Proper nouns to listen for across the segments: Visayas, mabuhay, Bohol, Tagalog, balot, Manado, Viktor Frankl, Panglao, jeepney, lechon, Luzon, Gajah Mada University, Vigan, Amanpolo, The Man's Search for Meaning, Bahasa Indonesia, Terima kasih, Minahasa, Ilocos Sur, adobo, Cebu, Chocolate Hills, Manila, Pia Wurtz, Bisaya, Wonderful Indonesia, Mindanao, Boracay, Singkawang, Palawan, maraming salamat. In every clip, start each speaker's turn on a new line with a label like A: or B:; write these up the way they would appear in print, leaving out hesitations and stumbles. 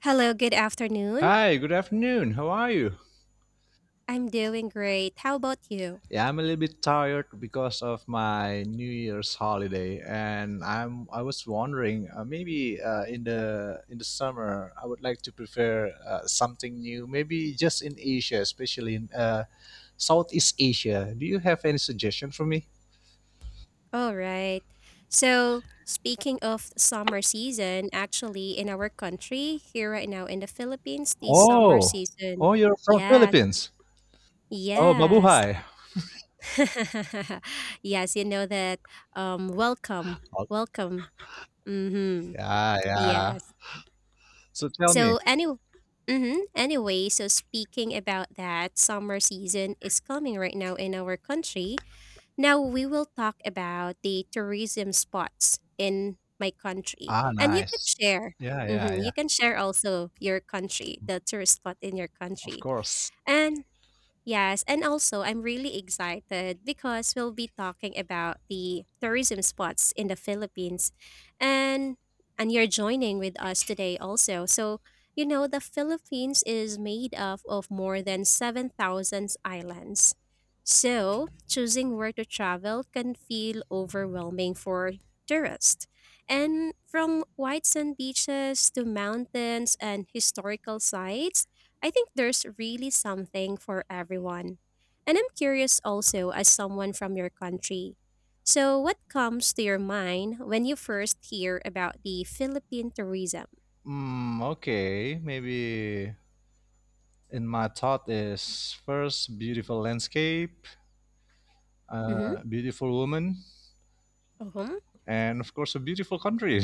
A: Hello, good afternoon.
B: Hi, good afternoon. How are you?
A: I'm doing great. How about you?
B: Yeah, I'm a little bit tired because of my New Year's holiday, and I was wondering maybe in the summer I would like to prepare something new, maybe just in Asia, especially in Southeast Asia. Do you have any suggestion for me?
A: All right. So, speaking of summer season, actually, in our country, here right now in the Philippines, the summer
B: Oh,
A: season.
B: oh, you're from
A: Yes,
B: Philippines. Oh,
A: yes.
B: mabuhay.
A: yes, you know that. Welcome,
B: Oh,
A: welcome. Mm-hmm.
B: yeah, yeah.
A: Yes.
B: So tell me.
A: So, anyway. Mm-hmm. Anyway, so speaking about that, summer season is coming right now in our country. Now we will talk about the tourism spots in my country,
B: Ah,
A: and you can
B: nice.
A: share.
B: Yeah, yeah,
A: Hmm,
B: yeah.
A: you can share also your country, the tourist spot in your
B: Of
A: country,
B: course.
A: and yes, and also I'm really excited because we'll be talking about the tourism spots in the Philippines. And and you're joining with us today also. So, you know, the Philippines is made up of more than 7,000 islands. So, choosing where to travel can feel overwhelming for tourists. And from white sand beaches to mountains and historical sites, I think there's really something for everyone. And I'm curious also, as someone from your country. So, what comes to your mind when you first hear about the Philippine tourism?
B: Okay, maybe in my thought is first beautiful landscape,
A: Mm-hmm.
B: beautiful woman,
A: Huh.
B: and of course a beautiful country.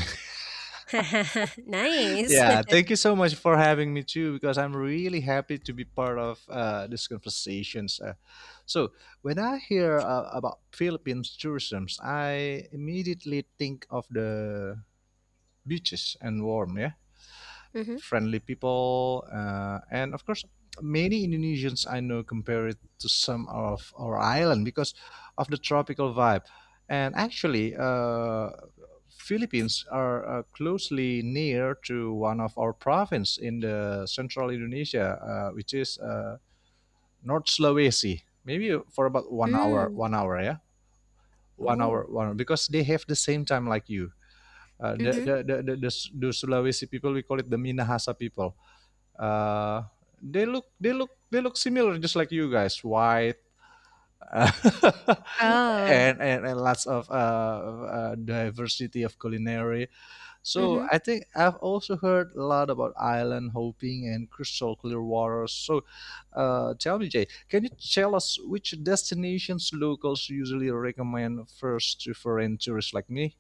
A: Nice.
B: Yeah, thank you so much for having me too, because I'm really happy to be part of these conversations. So when I hear about Philippines tourism, I immediately think of the beaches and warm. Yeah,
A: Mm-hmm.
B: friendly people, and of course, many Indonesians I know compare it to some of our island because of the tropical vibe. And actually, Philippines are closely near to one of our province in the central Indonesia, which is North Sulawesi. Maybe for about 1 hour,
A: Mm.
B: 1 hour, yeah, 1 hour,
A: Oh.
B: 1 hour, because they have the same time like you. Uh, the,
A: Mm-hmm.
B: the, the, the, the, the Sulawesi people, we call it the Minahasa people. Uh, they look similar, just like you guys, white, uh,
A: Oh.
B: and, and lots of diversity of culinary. So
A: Mm-hmm.
B: I think I've also heard a lot about island hopping and crystal clear waters. So tell me, Jay, can you tell us which destinations locals usually recommend first to foreign tourists like me?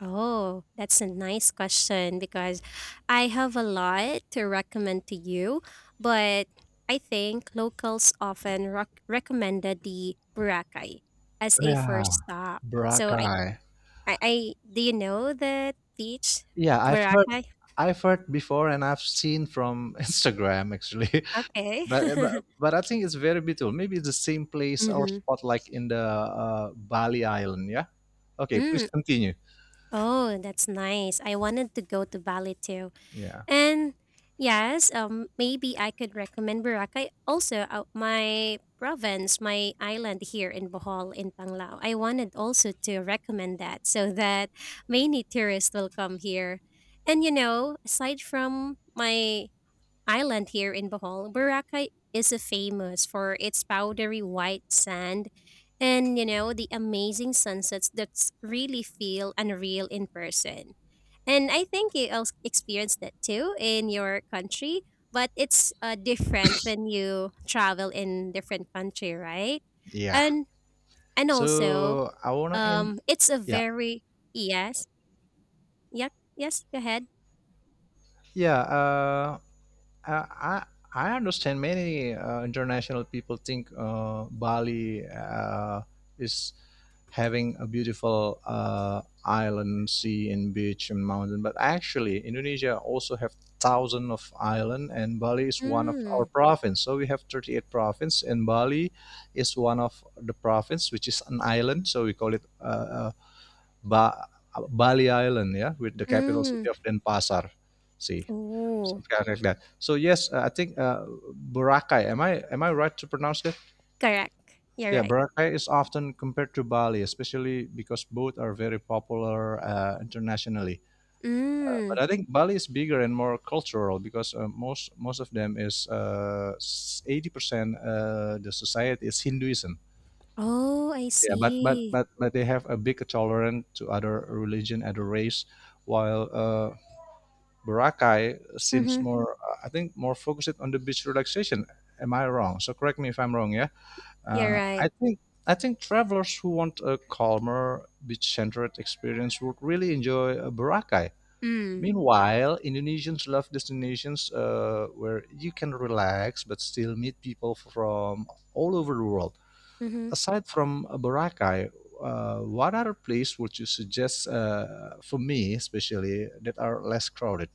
A: Oh, that's a nice question because I have a lot to recommend to you, but I think locals often recommended the Boracay as a
B: Yeah,
A: first stop. So I,
B: Boracay.
A: I, I do you know the beach
B: Yeah, I've heard
A: Boracay?
B: I've heard before and I've seen from Instagram actually.
A: Okay.
B: But, uh, but but I think it's very beautiful. Maybe it's the same place or
A: Mm-hmm.
B: spot like in the Bali Island. Yeah. Okay. Please
A: Mm.
B: continue.
A: Oh, that's nice. I wanted to go to Bali too.
B: Yeah.
A: And yes, maybe I could recommend Boracay. Also, my province, my island here in Bohol, in Panglao, I wanted also to recommend that so that many tourists will come here. And you know, aside from my island here in Bohol, Boracay is famous for its powdery white sand, and you know the amazing sunsets that really feel unreal in person, and I think you also experienced that too in your country, but it's different when you travel in different country, right?
B: Yeah.
A: And and also,
B: So I wanna end.
A: it's a
B: Yeah.
A: very yes, yep, yes. Go ahead.
B: Yeah. I I I understand many international people think Bali is having a beautiful island, sea, and beach and mountain. But actually, Indonesia also have thousands of island, and Bali is one of our
A: Mm,
B: province. So we have 38 provinces, and Bali is one of the province which is an island. So we call it uh, ba- Bali Island, yeah, with the capital city
A: mm.
B: of Denpasar. See,
A: Oh,
B: something like that. So yes, I think Boracay. Am I right to pronounce that?
A: correct. You're
B: Yeah,
A: right.
B: Boracay is often compared to Bali, especially because both are very popular internationally. But
A: Mm.
B: I think Bali is bigger and more cultural because uh, most of them is 80% the society is Hinduism.
A: Oh, I
B: Yeah, but but
A: see.
B: but but they have a big tolerance to other religion, other race, while Boracay seems
A: Mm-hmm.
B: more, I think, more focused on the beach relaxation. Am I wrong? So correct me if I'm wrong. Yeah.
A: You're
B: Uh,
A: right.
B: I think I think travelers who want a calmer, beach-centered experience would really enjoy Boracay.
A: Mm.
B: Meanwhile, Indonesians love destinations where you can relax but still meet people from all over the world.
A: Mm-hmm.
B: Aside from Boracay, what other place would you suggest for me, especially that are less crowded?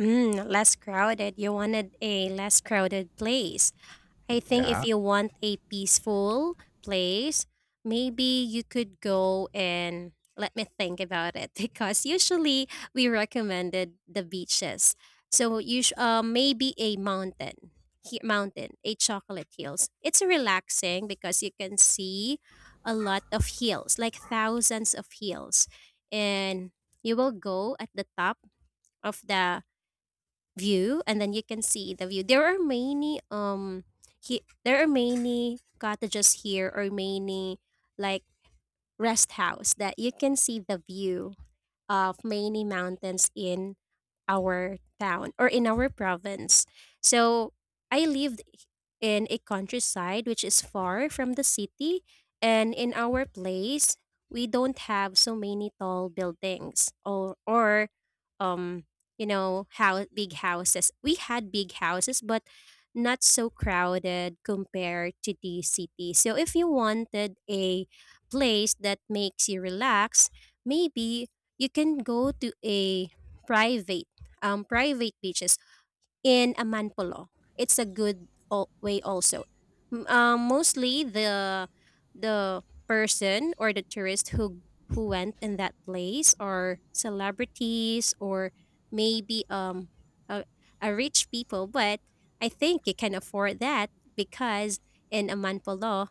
A: Mm, less crowded. You wanted a less crowded place. I think if
B: Yeah.
A: you want a peaceful place, maybe you could go and let me think about it because usually we recommended the beaches. So maybe a mountain, mountain, a chocolate hills. It's relaxing because you can see a lot of hills, like thousands of hills, and you will go at the top of the view, and then you can see the view. There are many he there are many cottages here or many like rest house that you can see the view of many mountains in our town or in our province. So I lived in a countryside which is far from the city, and in our place, we don't have so many tall buildings or um you know how big houses. We had big houses, but not so crowded compared to the city. So if you wanted a place that makes you relax, maybe you can go to a private private beaches in Amanpolo. It's a good way also. Mostly the person or the tourist who went in that place are celebrities or maybe a, a rich people, but I think you can afford that because in Amanpolo,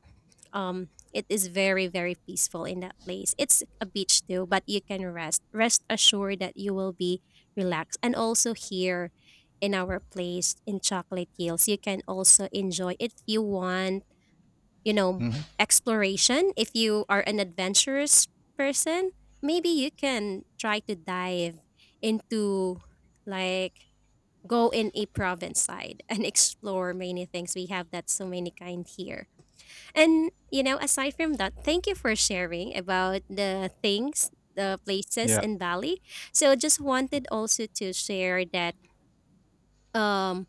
A: it is very very peaceful in that place. It's a beach too, but you can rest assured that you will be relaxed. And also here in our place in chocolate hills, you can also enjoy if you want, you know,
B: Mhm.
A: exploration if you are an adventurous person. Maybe you can try to dive into, like, go in a province side and explore many things. We have that so many kind here. And you know, aside from that, thank you for sharing about the things, the places
B: Yeah.
A: in Bali. So just wanted also to share that, um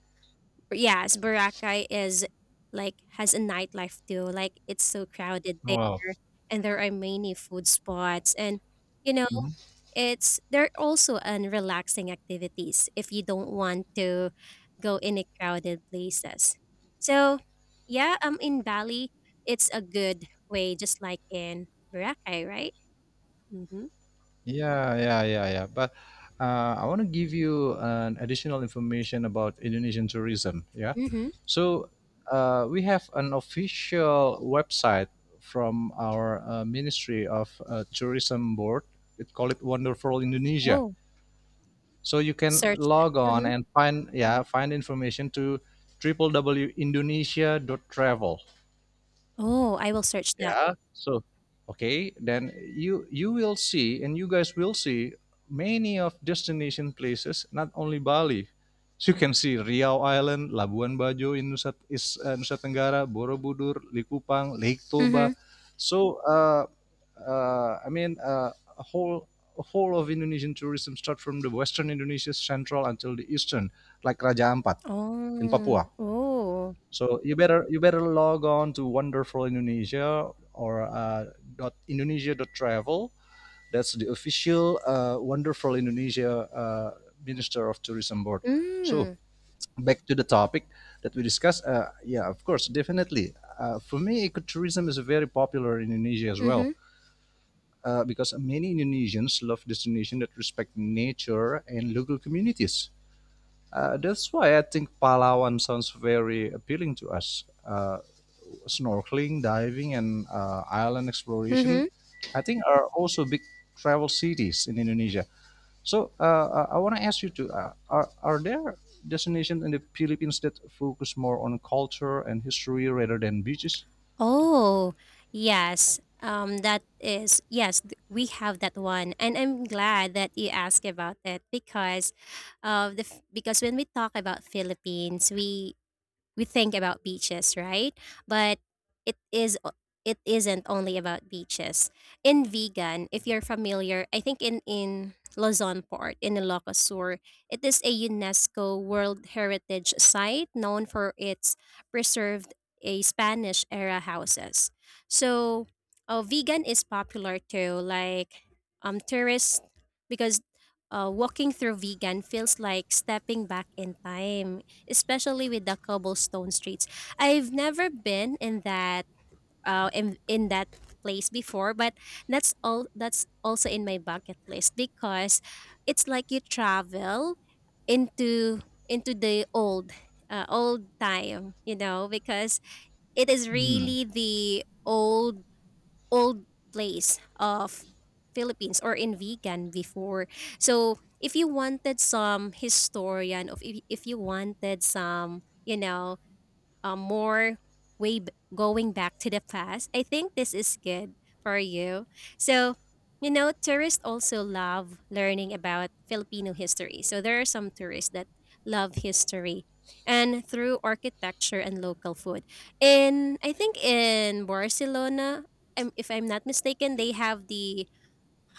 A: yes, Boracay is like has a nightlife too. Like it's so crowded there,
B: Wow.
A: and there are many food spots, and you know
B: Mm-hmm.
A: it's there are also an relaxing activities if you don't want to go in a crowded places. So yeah, in Bali it's a good way just like in Boracay, right? Mm-hmm.
B: Yeah, yeah, yeah, yeah. But I want to give you an additional information about Indonesian tourism. Yeah.
A: Mm-hmm.
B: So we have an official website from our Ministry of Tourism Board. It call it Wonderful Indonesia.
A: Oh,
B: So you can
A: search
B: log
A: that.
B: on
A: Mm-hmm.
B: and find yeah find information to www dot Indonesia dot travel,
A: Oh, I will search that.
B: yeah. So okay then you will see and you guys will see many of destination places, not only Bali. So you can see Riau Island, Labuan Bajo in Nusa Tenggara, Borobudur, Likupang, Lake Toba.
A: Mm-hmm.
B: So uh, uh, i mean uh, a whole a whole of Indonesian tourism start from the western Indonesia central until the eastern, like Raja Ampat in
A: Oh.
B: Papua.
A: Oh.
B: So you better log on to Wonderful Indonesia or dot Indonesia dot travel. That's the official Wonderful Indonesia Minister of Tourism Board. So
A: Mm.
B: back to the topic that we discussed. Yeah, of course, definitely. For me, ecotourism is very popular in Indonesia as well.
A: Mm-hmm.
B: Because many Indonesians love destinations that respect nature and local communities. That's why I think Palawan sounds very appealing to us. Snorkeling, diving, and island exploration,
A: Mm-hmm.
B: I think are also big travel cities in Indonesia. So I want to ask you to are there destinations in the Philippines that focus more on culture and history rather than beaches?
A: Oh, yes. That is, yes, we have that one. And I'm glad that you asked about it because of because when we talk about Philippines, we think about beaches, right? But it is o- it isn't only about beaches. In vegan, if you're familiar, I think in Luzon port in Ilocos Sur, it is a UNESCO World Heritage Site known for its preserved a Spanish era houses. So, vegan is popular too, like tourists, because walking through vegan feels like stepping back in time, especially with the cobblestone streets. I've never been in that in that place before, but that's all that's also in my bucket list because it's like you travel into into the old old time, you know, because it is
B: Hmm.
A: really the old old place of Philippines or in vegan before. So if you wanted some historian of if you wanted some, you know, more way going back to the past. I think this is good for you. So, you know, tourists also love learning about Filipino history. So there are some tourists that love history and through architecture and local food. In I think in Barcelona, if I'm not mistaken, they have the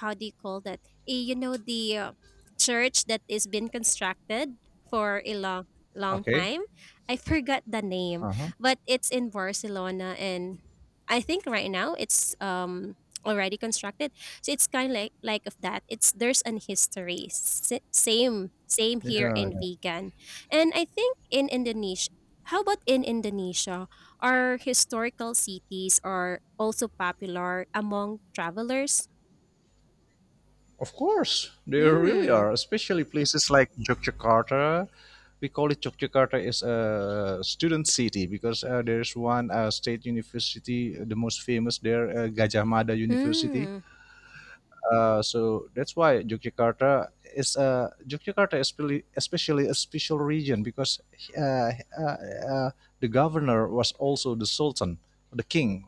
A: how do you call that? You know the church that is been constructed for a long long
B: Okay.
A: time. I forgot the name,
B: Uh huh.
A: but it's in Barcelona, and I think right now it's already constructed. So it's kind of like of that. It's there's an history. Same same
B: Yeah,
A: here in vegan, and I think in Indonesia. How about in Indonesia? Are historical cities are also popular among travelers?
B: of course, they really
A: Hmm.
B: are, especially places like Yogyakarta. We call it Yogyakarta is a student city because there's one state university, the most famous there, Gajah Mada University.
A: Mm.
B: So that's why Yogyakarta is really- especially a special region because uh, uh, uh, the governor was also the sultan, the king,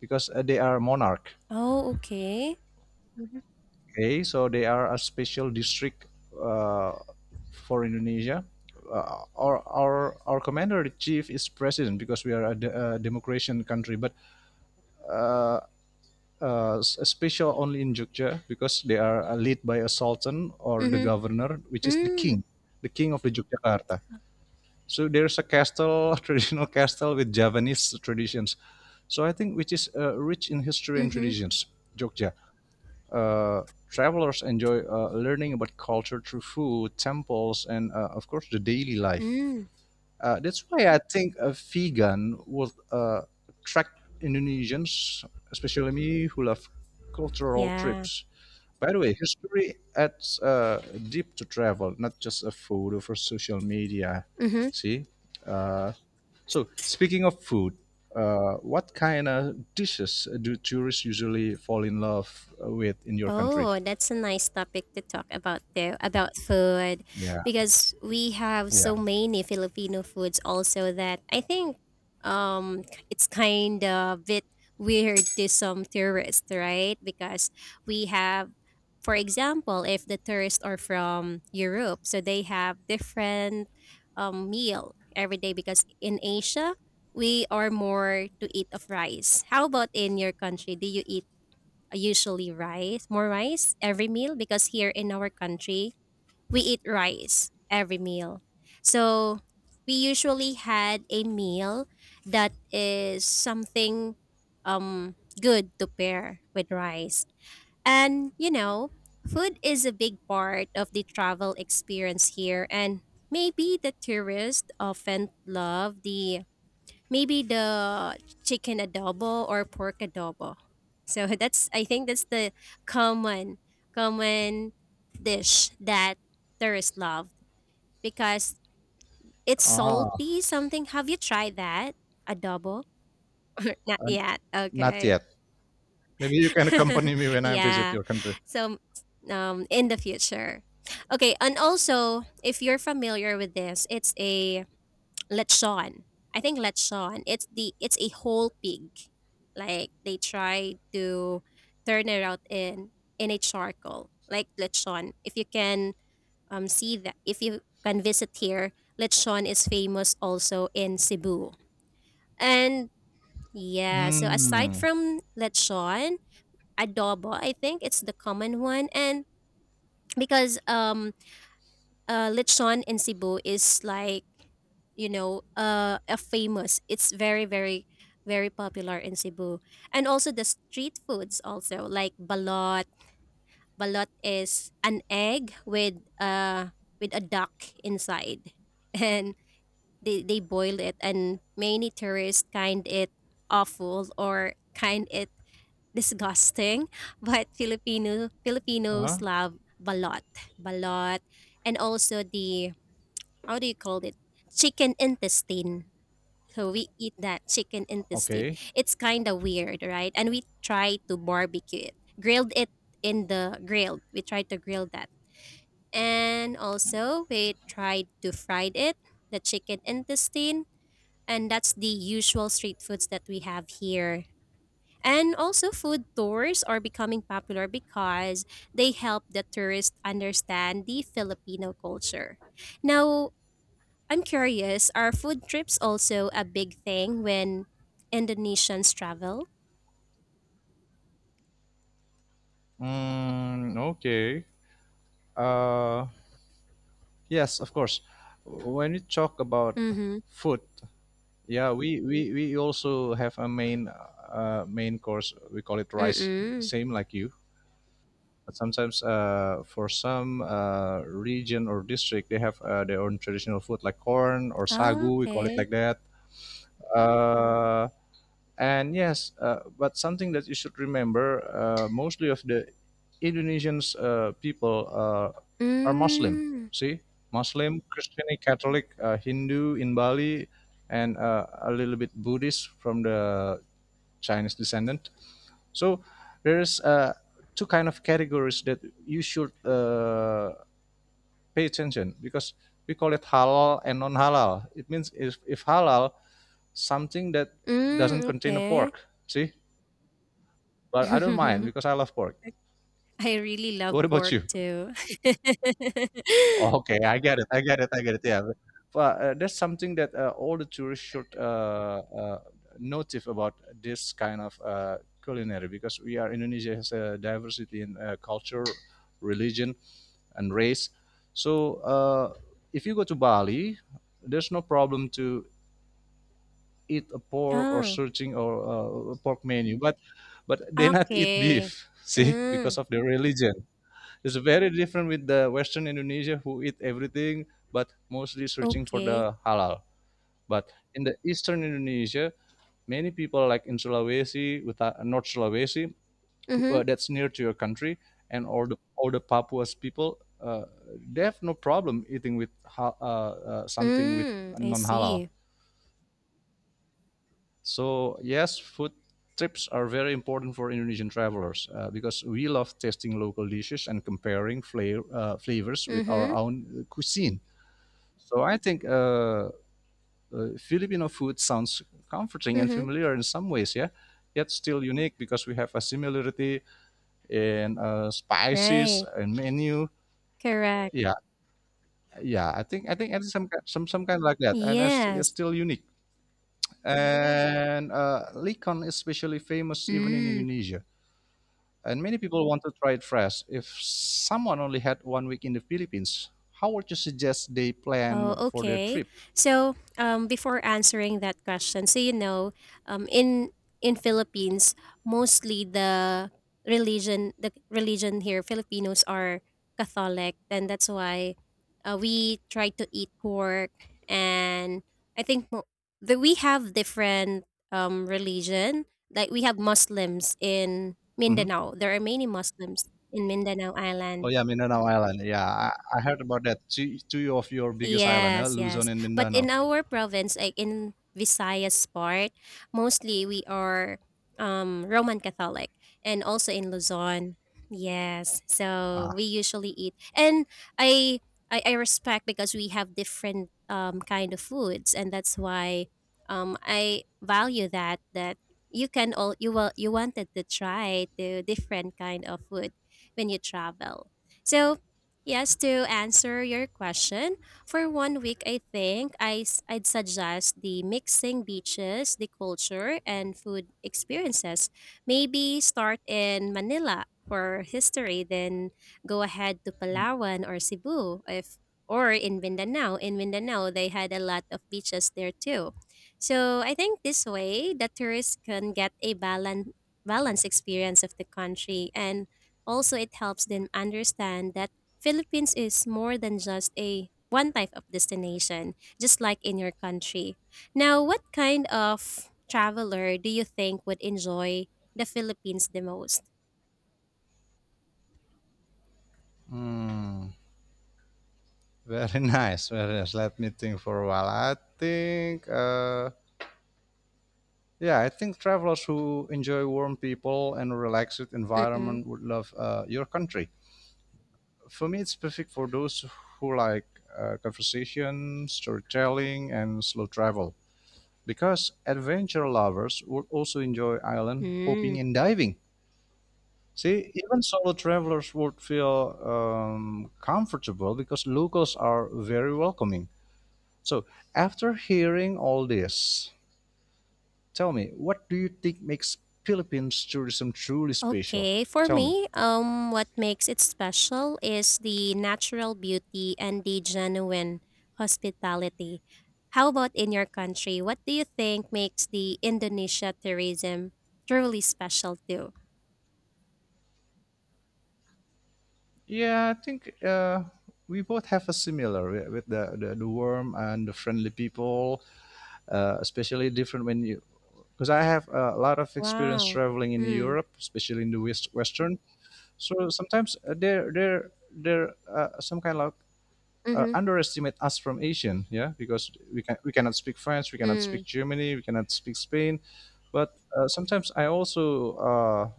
B: because they are monarch.
A: Oh, okay. Mhm.
B: Okay, so they are a special district uh, for Indonesia. Our commander in chief is president because we are a, de- a democratic country, but special only in Jogja because they are led by a sultan or the
A: Mhm.
B: governor, which is
A: Mm.
B: the king of the Yogyakarta. So there's a castle, traditional castle with Javanese traditions. So I think which is rich in history and
A: Mhm.
B: traditions, Jogja. Uh, travelers enjoy learning about culture through food, temples, and of course the daily life.
A: Mm.
B: That's why I think a vegan would attract Indonesians, especially me, who love cultural
A: Yeah.
B: trips. By the way, history adds deep to travel, not just a photo for social media.
A: Mhm.
B: See? Uh, so, speaking of food, what kind of dishes do tourists usually fall in love with in your country?
A: Oh, that's a nice topic to talk about though, about food,
B: Yeah,
A: because we have
B: yeah.
A: so many Filipino foods also that I think um it's kind of bit weird to some tourists, right? Because we have, for example, if the tourists are from Europe, so they have different meal every day, because in Asia we are more to eat of rice. How about in your country? Do you eat usually rice, more rice every meal, because here in our country, we eat rice every meal. So we usually had a meal that is something good to pair with rice. And you know, food is a big part of the travel experience here, and maybe the tourists often love the chicken adobo or pork adobo. So that's I think that's the common common dish that tourists love because it's
B: Ah,
A: salty something. Have you tried that? Adobo? Not
B: and
A: yet.
B: not
A: Okay.
B: yet. Maybe you can accompany me when I visit
A: Yeah.
B: your country.
A: So in the future. Okay, and also if you're familiar with this, it's a lechon. I think lechon. It's the it's a whole pig. Like they try to turn it out in a charcoal, like lechon. If you can see that, if you can visit here, lechon is famous also in Cebu. And yeah, so aside
B: Hmm.
A: from lechon, adobo, I think it's the common one, and because lechon in Cebu is like, you know, a famous. It's very very very popular in Cebu, and also the street foods also like balot. Balot is an egg with a duck inside, and they boil it, and many tourists kind it awful or kind it disgusting, but
B: Uh,
A: Filipinos love balot balot, and also the how do you call it? Chicken intestine. So we eat that chicken intestine.
B: okay.
A: It's kind of weird, right? And we try to barbecue it, grilled it in the grill. We tried to grill that, and also we tried to fry it, the chicken intestine, and that's the usual street foods that we have here. And also, food tours are becoming popular because they help the tourists understand the Filipino culture. Now, I'm curious, are food trips also a big thing when Indonesians travel?
B: Okay. Uh, yes, of course. When we talk about
A: Mm-hmm.
B: food, yeah, we also have a main main course. We call it rice,
A: Mm-mm.
B: same like you. But sometimes, for some region or district, they have their own traditional food like corn or
A: Ah,
B: sagu. We call it
A: okay.
B: like that. Uh, And yes, but something that you should remember, mostly of the Indonesians people are Muslim.
A: Mm.
B: See, Muslim, Christian, Catholic, Hindu in Bali, and a little bit Buddhist from the Chinese descendant. So there is two kind of categories that you should pay attention because we call it halal and non halal. It means if halal, something that doesn't
A: Mm,
B: contain a
A: okay.
B: pork. See, but I don't mind because I love pork.
A: I really love
B: What about
A: pork
B: you?
A: too.
B: Okay, I get it. I get it. I get it. Yeah, but that's something that all the tourists should notice about this kind of culinary because we are Indonesia has a diversity in culture, religion, and race. So if you go to Bali, there's no problem to eat a pork or
A: Ah,
B: searching or a pork menu, but they not eat
A: okay.
B: beef. See,
A: Mm,
B: because of their religion. It's very different with the Western Indonesia who eat everything, but mostly searching for
A: okay.
B: the halal. But in the Eastern Indonesia, many people like in Sulawesi, with North Sulawesi, who-
A: Mm-hmm.
B: that's near to your country, and all the Papua's people, they have no problem eating with something with
A: Mm. I
B: non halal.
A: see.
B: So yes, food trips are very important for Indonesian travelers because we love tasting local dishes and comparing flavors with our
A: Mm-hmm.
B: own cuisine. So I think Filipino food sounds comforting and
A: Mm-hmm.
B: familiar in some ways, yeah, yet still unique because we have a similarity in spices
A: Right.
B: and menu.
A: Correct.
B: Yeah, yeah. I think it's some ki- some kind like that, and it's
A: Yes.
B: still unique. And Likon is especially famous even in
A: Mm.
B: Indonesia and many people want to try it fresh. If someone only had 1 week in the Philippines, how would you suggest they
A: Oh,
B: plan for their
A: okay.
B: trip?
A: So, before answering that question, so you know, um, in in Philippines, mostly the religion here, Filipinos are Catholic, and that's why we try to eat pork. And I think mo- that we have different religion. Like we have Muslims in
B: Hmm.
A: Mindanao. There are many Muslims in Mindanao
B: Oh
A: Island.
B: yeah, Mindanao Island. Yeah, I heard about that. Two, two of your biggest island, yeah?
A: Yes,
B: Luzon
A: yes.
B: and
A: But
B: Mindanao.
A: in our province, like in Visayas part, mostly we are Roman Catholic and also in Luzon. Yes.
B: Ah,
A: So we usually eat and I I respect because we have different kind of foods, and that's why I value that you can all you will you wanted to try the different kind of food when you travel. So yes, to answer your question, for 1 week, I think I'd suggest the mixing beaches, the culture, and food experiences. Maybe start in Manila for history, then go ahead to Palawan or Cebu if or in Mindanao. In Mindanao, they had a lot of beaches there too. So I think this way, the tourists can get a balanced experience of the country, and also it helps them understand that Philippines is more than just a one type of destination, just like in your country. Now, what kind of traveler do you think would enjoy the Philippines the most?
B: hmm. Very nice. Very nice. Let me think for a while. I think, yeah, I think travelers who enjoy warm people and relaxed
A: Mm-mm.
B: environment would love your country. For me, it's perfect for those who like conversation, storytelling, and slow travel. Because adventure lovers would also enjoy island
A: Mm.
B: hopping and diving. See, even solo travelers would feel comfortable because locals are very welcoming. So, after hearing all this, tell me, what do you think makes Philippines tourism truly special?
A: Okay, for
B: Tell me.
A: me, what makes it special is the natural beauty and the genuine hospitality. How about in your country? What do you think makes the Indonesia tourism truly special too?
B: Yeah, I think we both have a similar with the warm and the friendly people, especially different when you because I have a lot of experience
A: Wow.
B: traveling in
A: Mm.
B: Europe, especially in the West Western. So sometimes they're some kind of
A: Mhm.
B: underestimate us from Asian, yeah, because we cannot speak French, we cannot
A: Mm.
B: speak Germany, we cannot speak Spain, but sometimes I also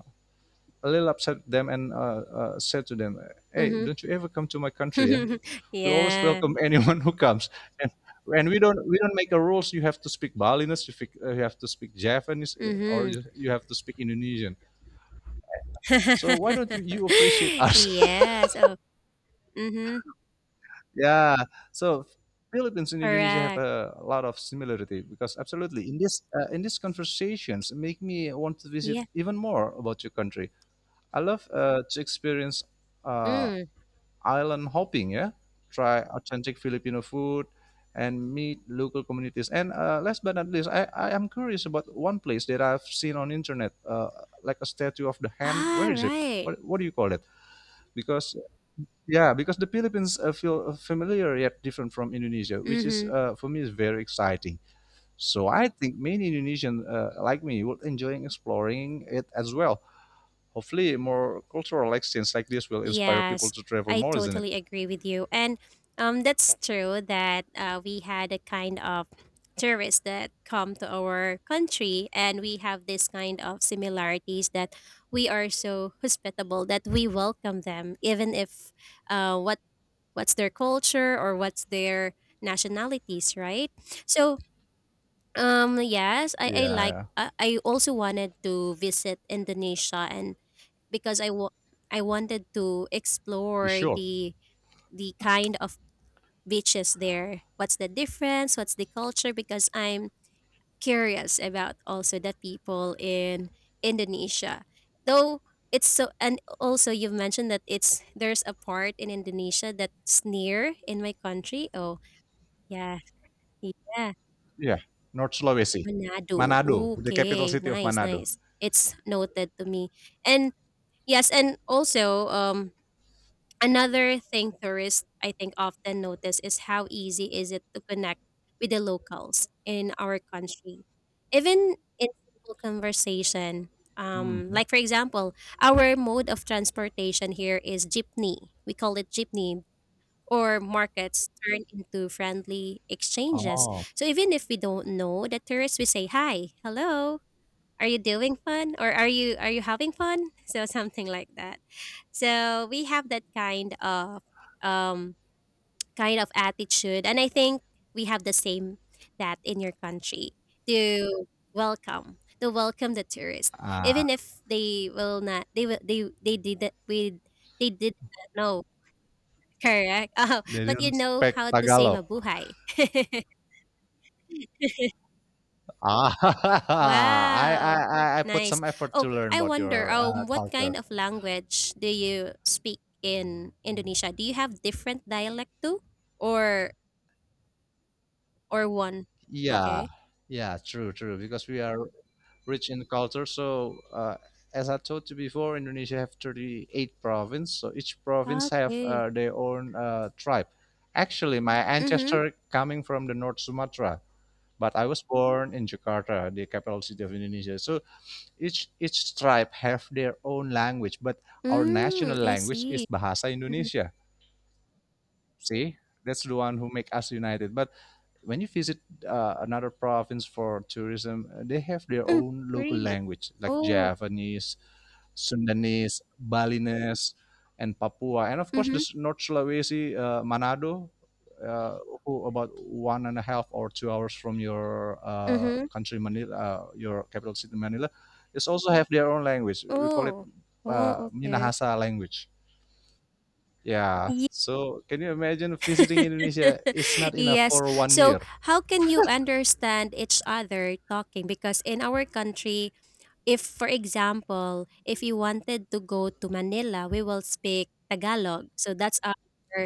B: a little upset them and said to them, "Hey,
A: Mhm.
B: don't you ever come to my country? Yeah? We always
A: Yeah.
B: welcome anyone who comes, and, and we don't make a rules. You have to speak Balinese, you, speak, you have to speak Japanese, or
A: Mhm.
B: you have to speak Indonesian. So why don't you appreciate us?"
A: Yeah, so mhm,
B: Yeah. So Philippines and Indonesia have
A: correct.
B: a lot of similarity because absolutely in this in these conversations make me want to visit
A: Yeah.
B: even more about your country. I love to experience uh,
A: Mm.
B: island hopping. Yeah, try authentic Filipino food and meet local communities. And last but not least, I am curious about one place that I've seen on internet, like a statue of the hand.
A: Ah,
B: Where is it?
A: right.
B: What do you call it? Because yeah, because the Philippines feel familiar yet different from Indonesia, which is
A: Mhm.
B: for me is very exciting. So I think many Indonesians like me will enjoy exploring it as well. Hopefully more cultural exchange like this will inspire people
A: Yes,
B: to travel
A: I
B: more, isn't it?
A: totally agree with you, and that's true that, we had a kind of tourists that come to our country, and we have this kind of similarities that we are so hospitable that we welcome them even if, uh, what what's their culture or what's their nationalities, right? So, yes, I,
B: Yeah,
A: I like,
B: yeah.
A: I, I also wanted to visit Indonesia, and because I wanted to
B: You
A: explore
B: should.
A: the kind of beaches there. What's the difference? What's the culture? Because I'm curious about also the people in Indonesia. Though it's so, and also you've mentioned that it's there's a part in Indonesia that's near in my country. Oh, yeah, yeah,
B: Yeah, North Sulawesi.
A: Manado.
B: Manado, the capital
A: Okay,
B: city of
A: nice,
B: Manado.
A: nice. It's noted to me. And yes, and also another thing tourists I think often notice is how easy is it to connect with the locals in our country. Even in simple conversation,
B: Hmm.
A: like for example, our mode of transportation here is jeepney. We call it jeepney or markets turn into friendly exchanges.
B: Oh.
A: So even if we don't know the tourists, we say, "Hi, hello, are you doing fun?" or " are you having fun?" So something like that. So we have that um, kind of attitude, and I think we have the same that in your country to welcome the tourist, even
B: Ah,
A: if they will not they will they did that we they did not know. Correct. Oh,
B: they
A: but
B: didn't
A: you know
B: speak
A: how to say
B: Tagalog.
A: mabuhay.
B: Ah,
A: Wow.
B: I put
A: Nice.
B: some effort to
A: Oh,
B: learn
A: I
B: about
A: wonder,
B: your
A: what
B: culture.
A: kind of language do you speak in Indonesia? Do you have different dialect too? Or or one?
B: Yeah,
A: Okay.
B: yeah, true, true. Because we are rich in culture, so as I told you before, Indonesia have 38 province. So each province have
A: Okay.
B: their own tribe. Actually, my
A: Mm-hmm.
B: ancestor coming from the North Sumatra, but I was born in Jakarta, the capital city of Indonesia. So each tribe have their own language, but our national
A: Mm, I
B: language
A: see.
B: is Bahasa
A: Mm-hmm.
B: Indonesia. See, that's the one who make us united. But when you visit another province for tourism, they have their
A: Mm,
B: own local
A: really?
B: language like
A: Oh.
B: Javanese, Sundanese, Balinese, and Papua, and of course
A: Mm-hmm.
B: this North Sulawesi, Manado, uh, who about one and a half or 2 hours from your
A: Mm-hmm.
B: country, Manila, your capital city, Manila. They also have their own language. We call it
A: Oh. Oh, okay.
B: Minahasa language. Yeah. So can you imagine visiting Indonesia is not enough
A: Yes.
B: for one
A: So,
B: year?
A: how can you understand each other talking? Because in our country, if, for example, if you wanted to go to Manila, we will speak Tagalog. So that's our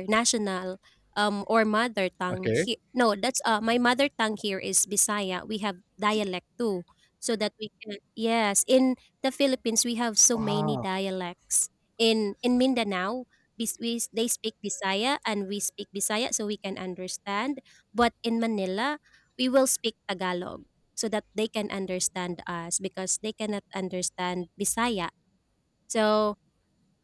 A: national or mother tongue
B: Okay.
A: here. No, that's my mother tongue here is Bisaya. We have dialect too. So that we can, yes, in the Philippines, we have so many
B: Wow.
A: dialects. In Mindanao, they speak Bisaya and we speak Bisaya so we can understand. But in Manila, we will speak Tagalog so that they can understand us because they cannot understand Bisaya. So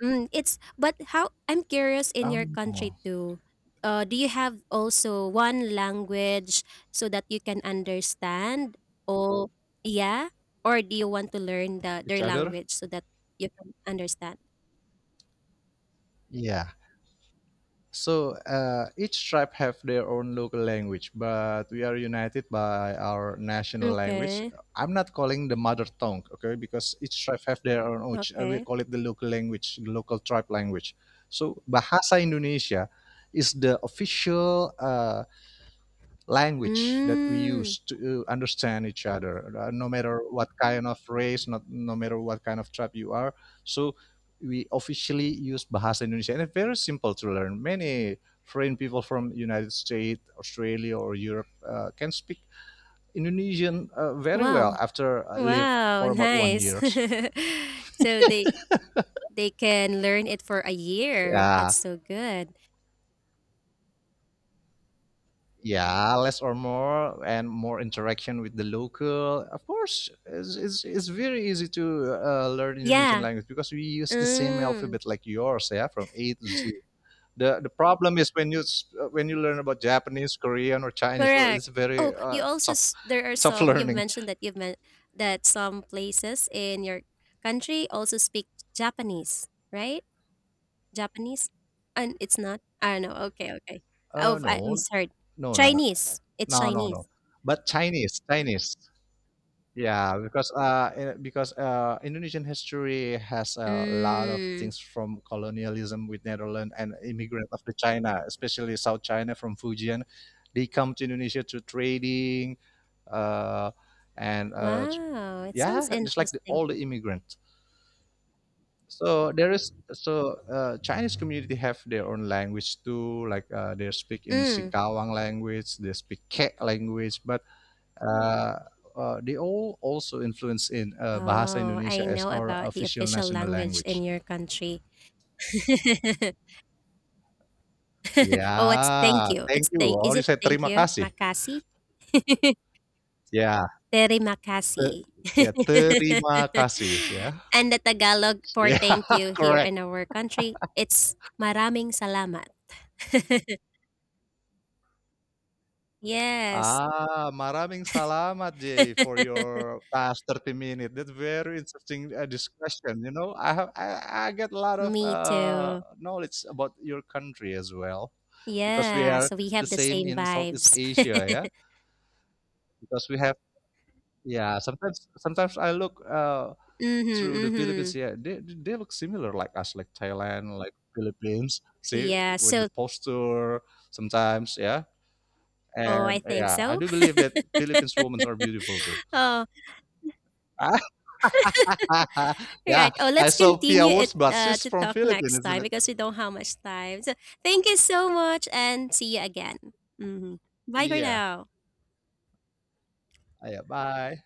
A: mm, it's but how I'm curious in your country
B: Oh.
A: too. Do you have also one language so that you can understand? Or yeah, or do you want to learn the
B: Each
A: their
B: other?
A: language so that you can understand?
B: Yeah. So each tribe have their own local language, but we are united by our national language.
A: Okay.
B: I'm not calling the mother tongue, okay, because each tribe have their own. Which, we
A: Okay.
B: call it the local language, the local tribe language. So bahasa Indonesia is the official language that we
A: Mm.
B: use to understand each other, no matter what kind of race, not no matter what kind of tribe you are. So we officially use Bahasa Indonesia, and it's very simple to learn. Many foreign people from United States, Australia, or Europe can speak Indonesian very
A: Wow.
B: well after live
A: Wow.
B: for about one
A: Nice.
B: years.
A: So they can learn it for a year.
B: Yeah,
A: That's so good.
B: yeah, less or more and more interaction with the local, of course it's very easy to learn Indonesian
A: Yeah.
B: language because we use the same
A: Mm,
B: alphabet like yours, yeah, from A to Z. The problem is when you when you learn about Japanese, Korean, or Chinese, well, it's
A: correct.
B: very tough.
A: There are
B: Tough
A: some you've
B: learning.
A: mentioned that you've meant that some places in your country also speak Japanese, right? Japanese, and it's not. I don't know. Okay, okay. Oh, I
B: No
A: misheard.
B: no no
A: Chinese. It's
B: no no
A: Chinese.
B: no But Chinese, Yeah, because because Indonesian history has a lot of
A: Mm.
B: things from colonialism with Netherlands and immigrant of the China, especially South China from Fujian. They come to Indonesia to trading, uh, and
A: Wow, it sounds
B: yeah, just like
A: interesting.
B: all the immigrants. So there is so Chinese community have their own language too. Like they speak in
A: Mm.
B: Singkawang language, they speak Kek language, but Uh, they all also influence in Bahasa
A: Oh,
B: Indonesia
A: I
B: as
A: know
B: our
A: about the
B: official
A: official
B: national
A: language in
B: language.
A: your country.
B: Ya,
A: Oh, it's thank you. It's
B: thank you.
A: thank,
B: Oh,
A: is
B: you
A: it
B: said
A: thank
B: terima
A: you?
B: kasih.
A: Makasi?
B: Ya,
A: Terima
B: te
A: kasih.
B: ya terima kasih ya.
A: And the Tagalog for
B: Ya,
A: thank you here
B: correct.
A: in our country, it's maraming salamat. Yes.
B: Ah, maraming salamat, Jay, for your past 30 minutes. That's very interesting discussion. You know, I get a lot of
A: Me too.
B: knowledge about your country as well, because we
A: Yeah,
B: are
A: so we
B: the
A: have the
B: same
A: same
B: in Southeast
A: vibes.
B: Asia, yeah. Because we have, yeah, sometimes I look
A: Mhm,
B: through the Philippines,
A: mhm.
B: yeah, they look similar like us, like Thailand, like Philippines, see,
A: Yeah,
B: with the
A: so
B: posture sometimes, yeah.
A: oh, I
B: And
A: think
B: yeah, I
A: so.
B: do believe that Philippines women are beautiful too.
A: Oh,
B: Yeah,
A: right. Oh,
B: I
A: let's
B: saw Pia
A: continue it
B: Wurtz, but she's
A: to
B: from
A: talk
B: Philippines,
A: next
B: isn't
A: time
B: it?
A: because we don't have much time. So thank you so much and see you again. Hmm. Bye for
B: Yeah,
A: now.
B: yeah, bye.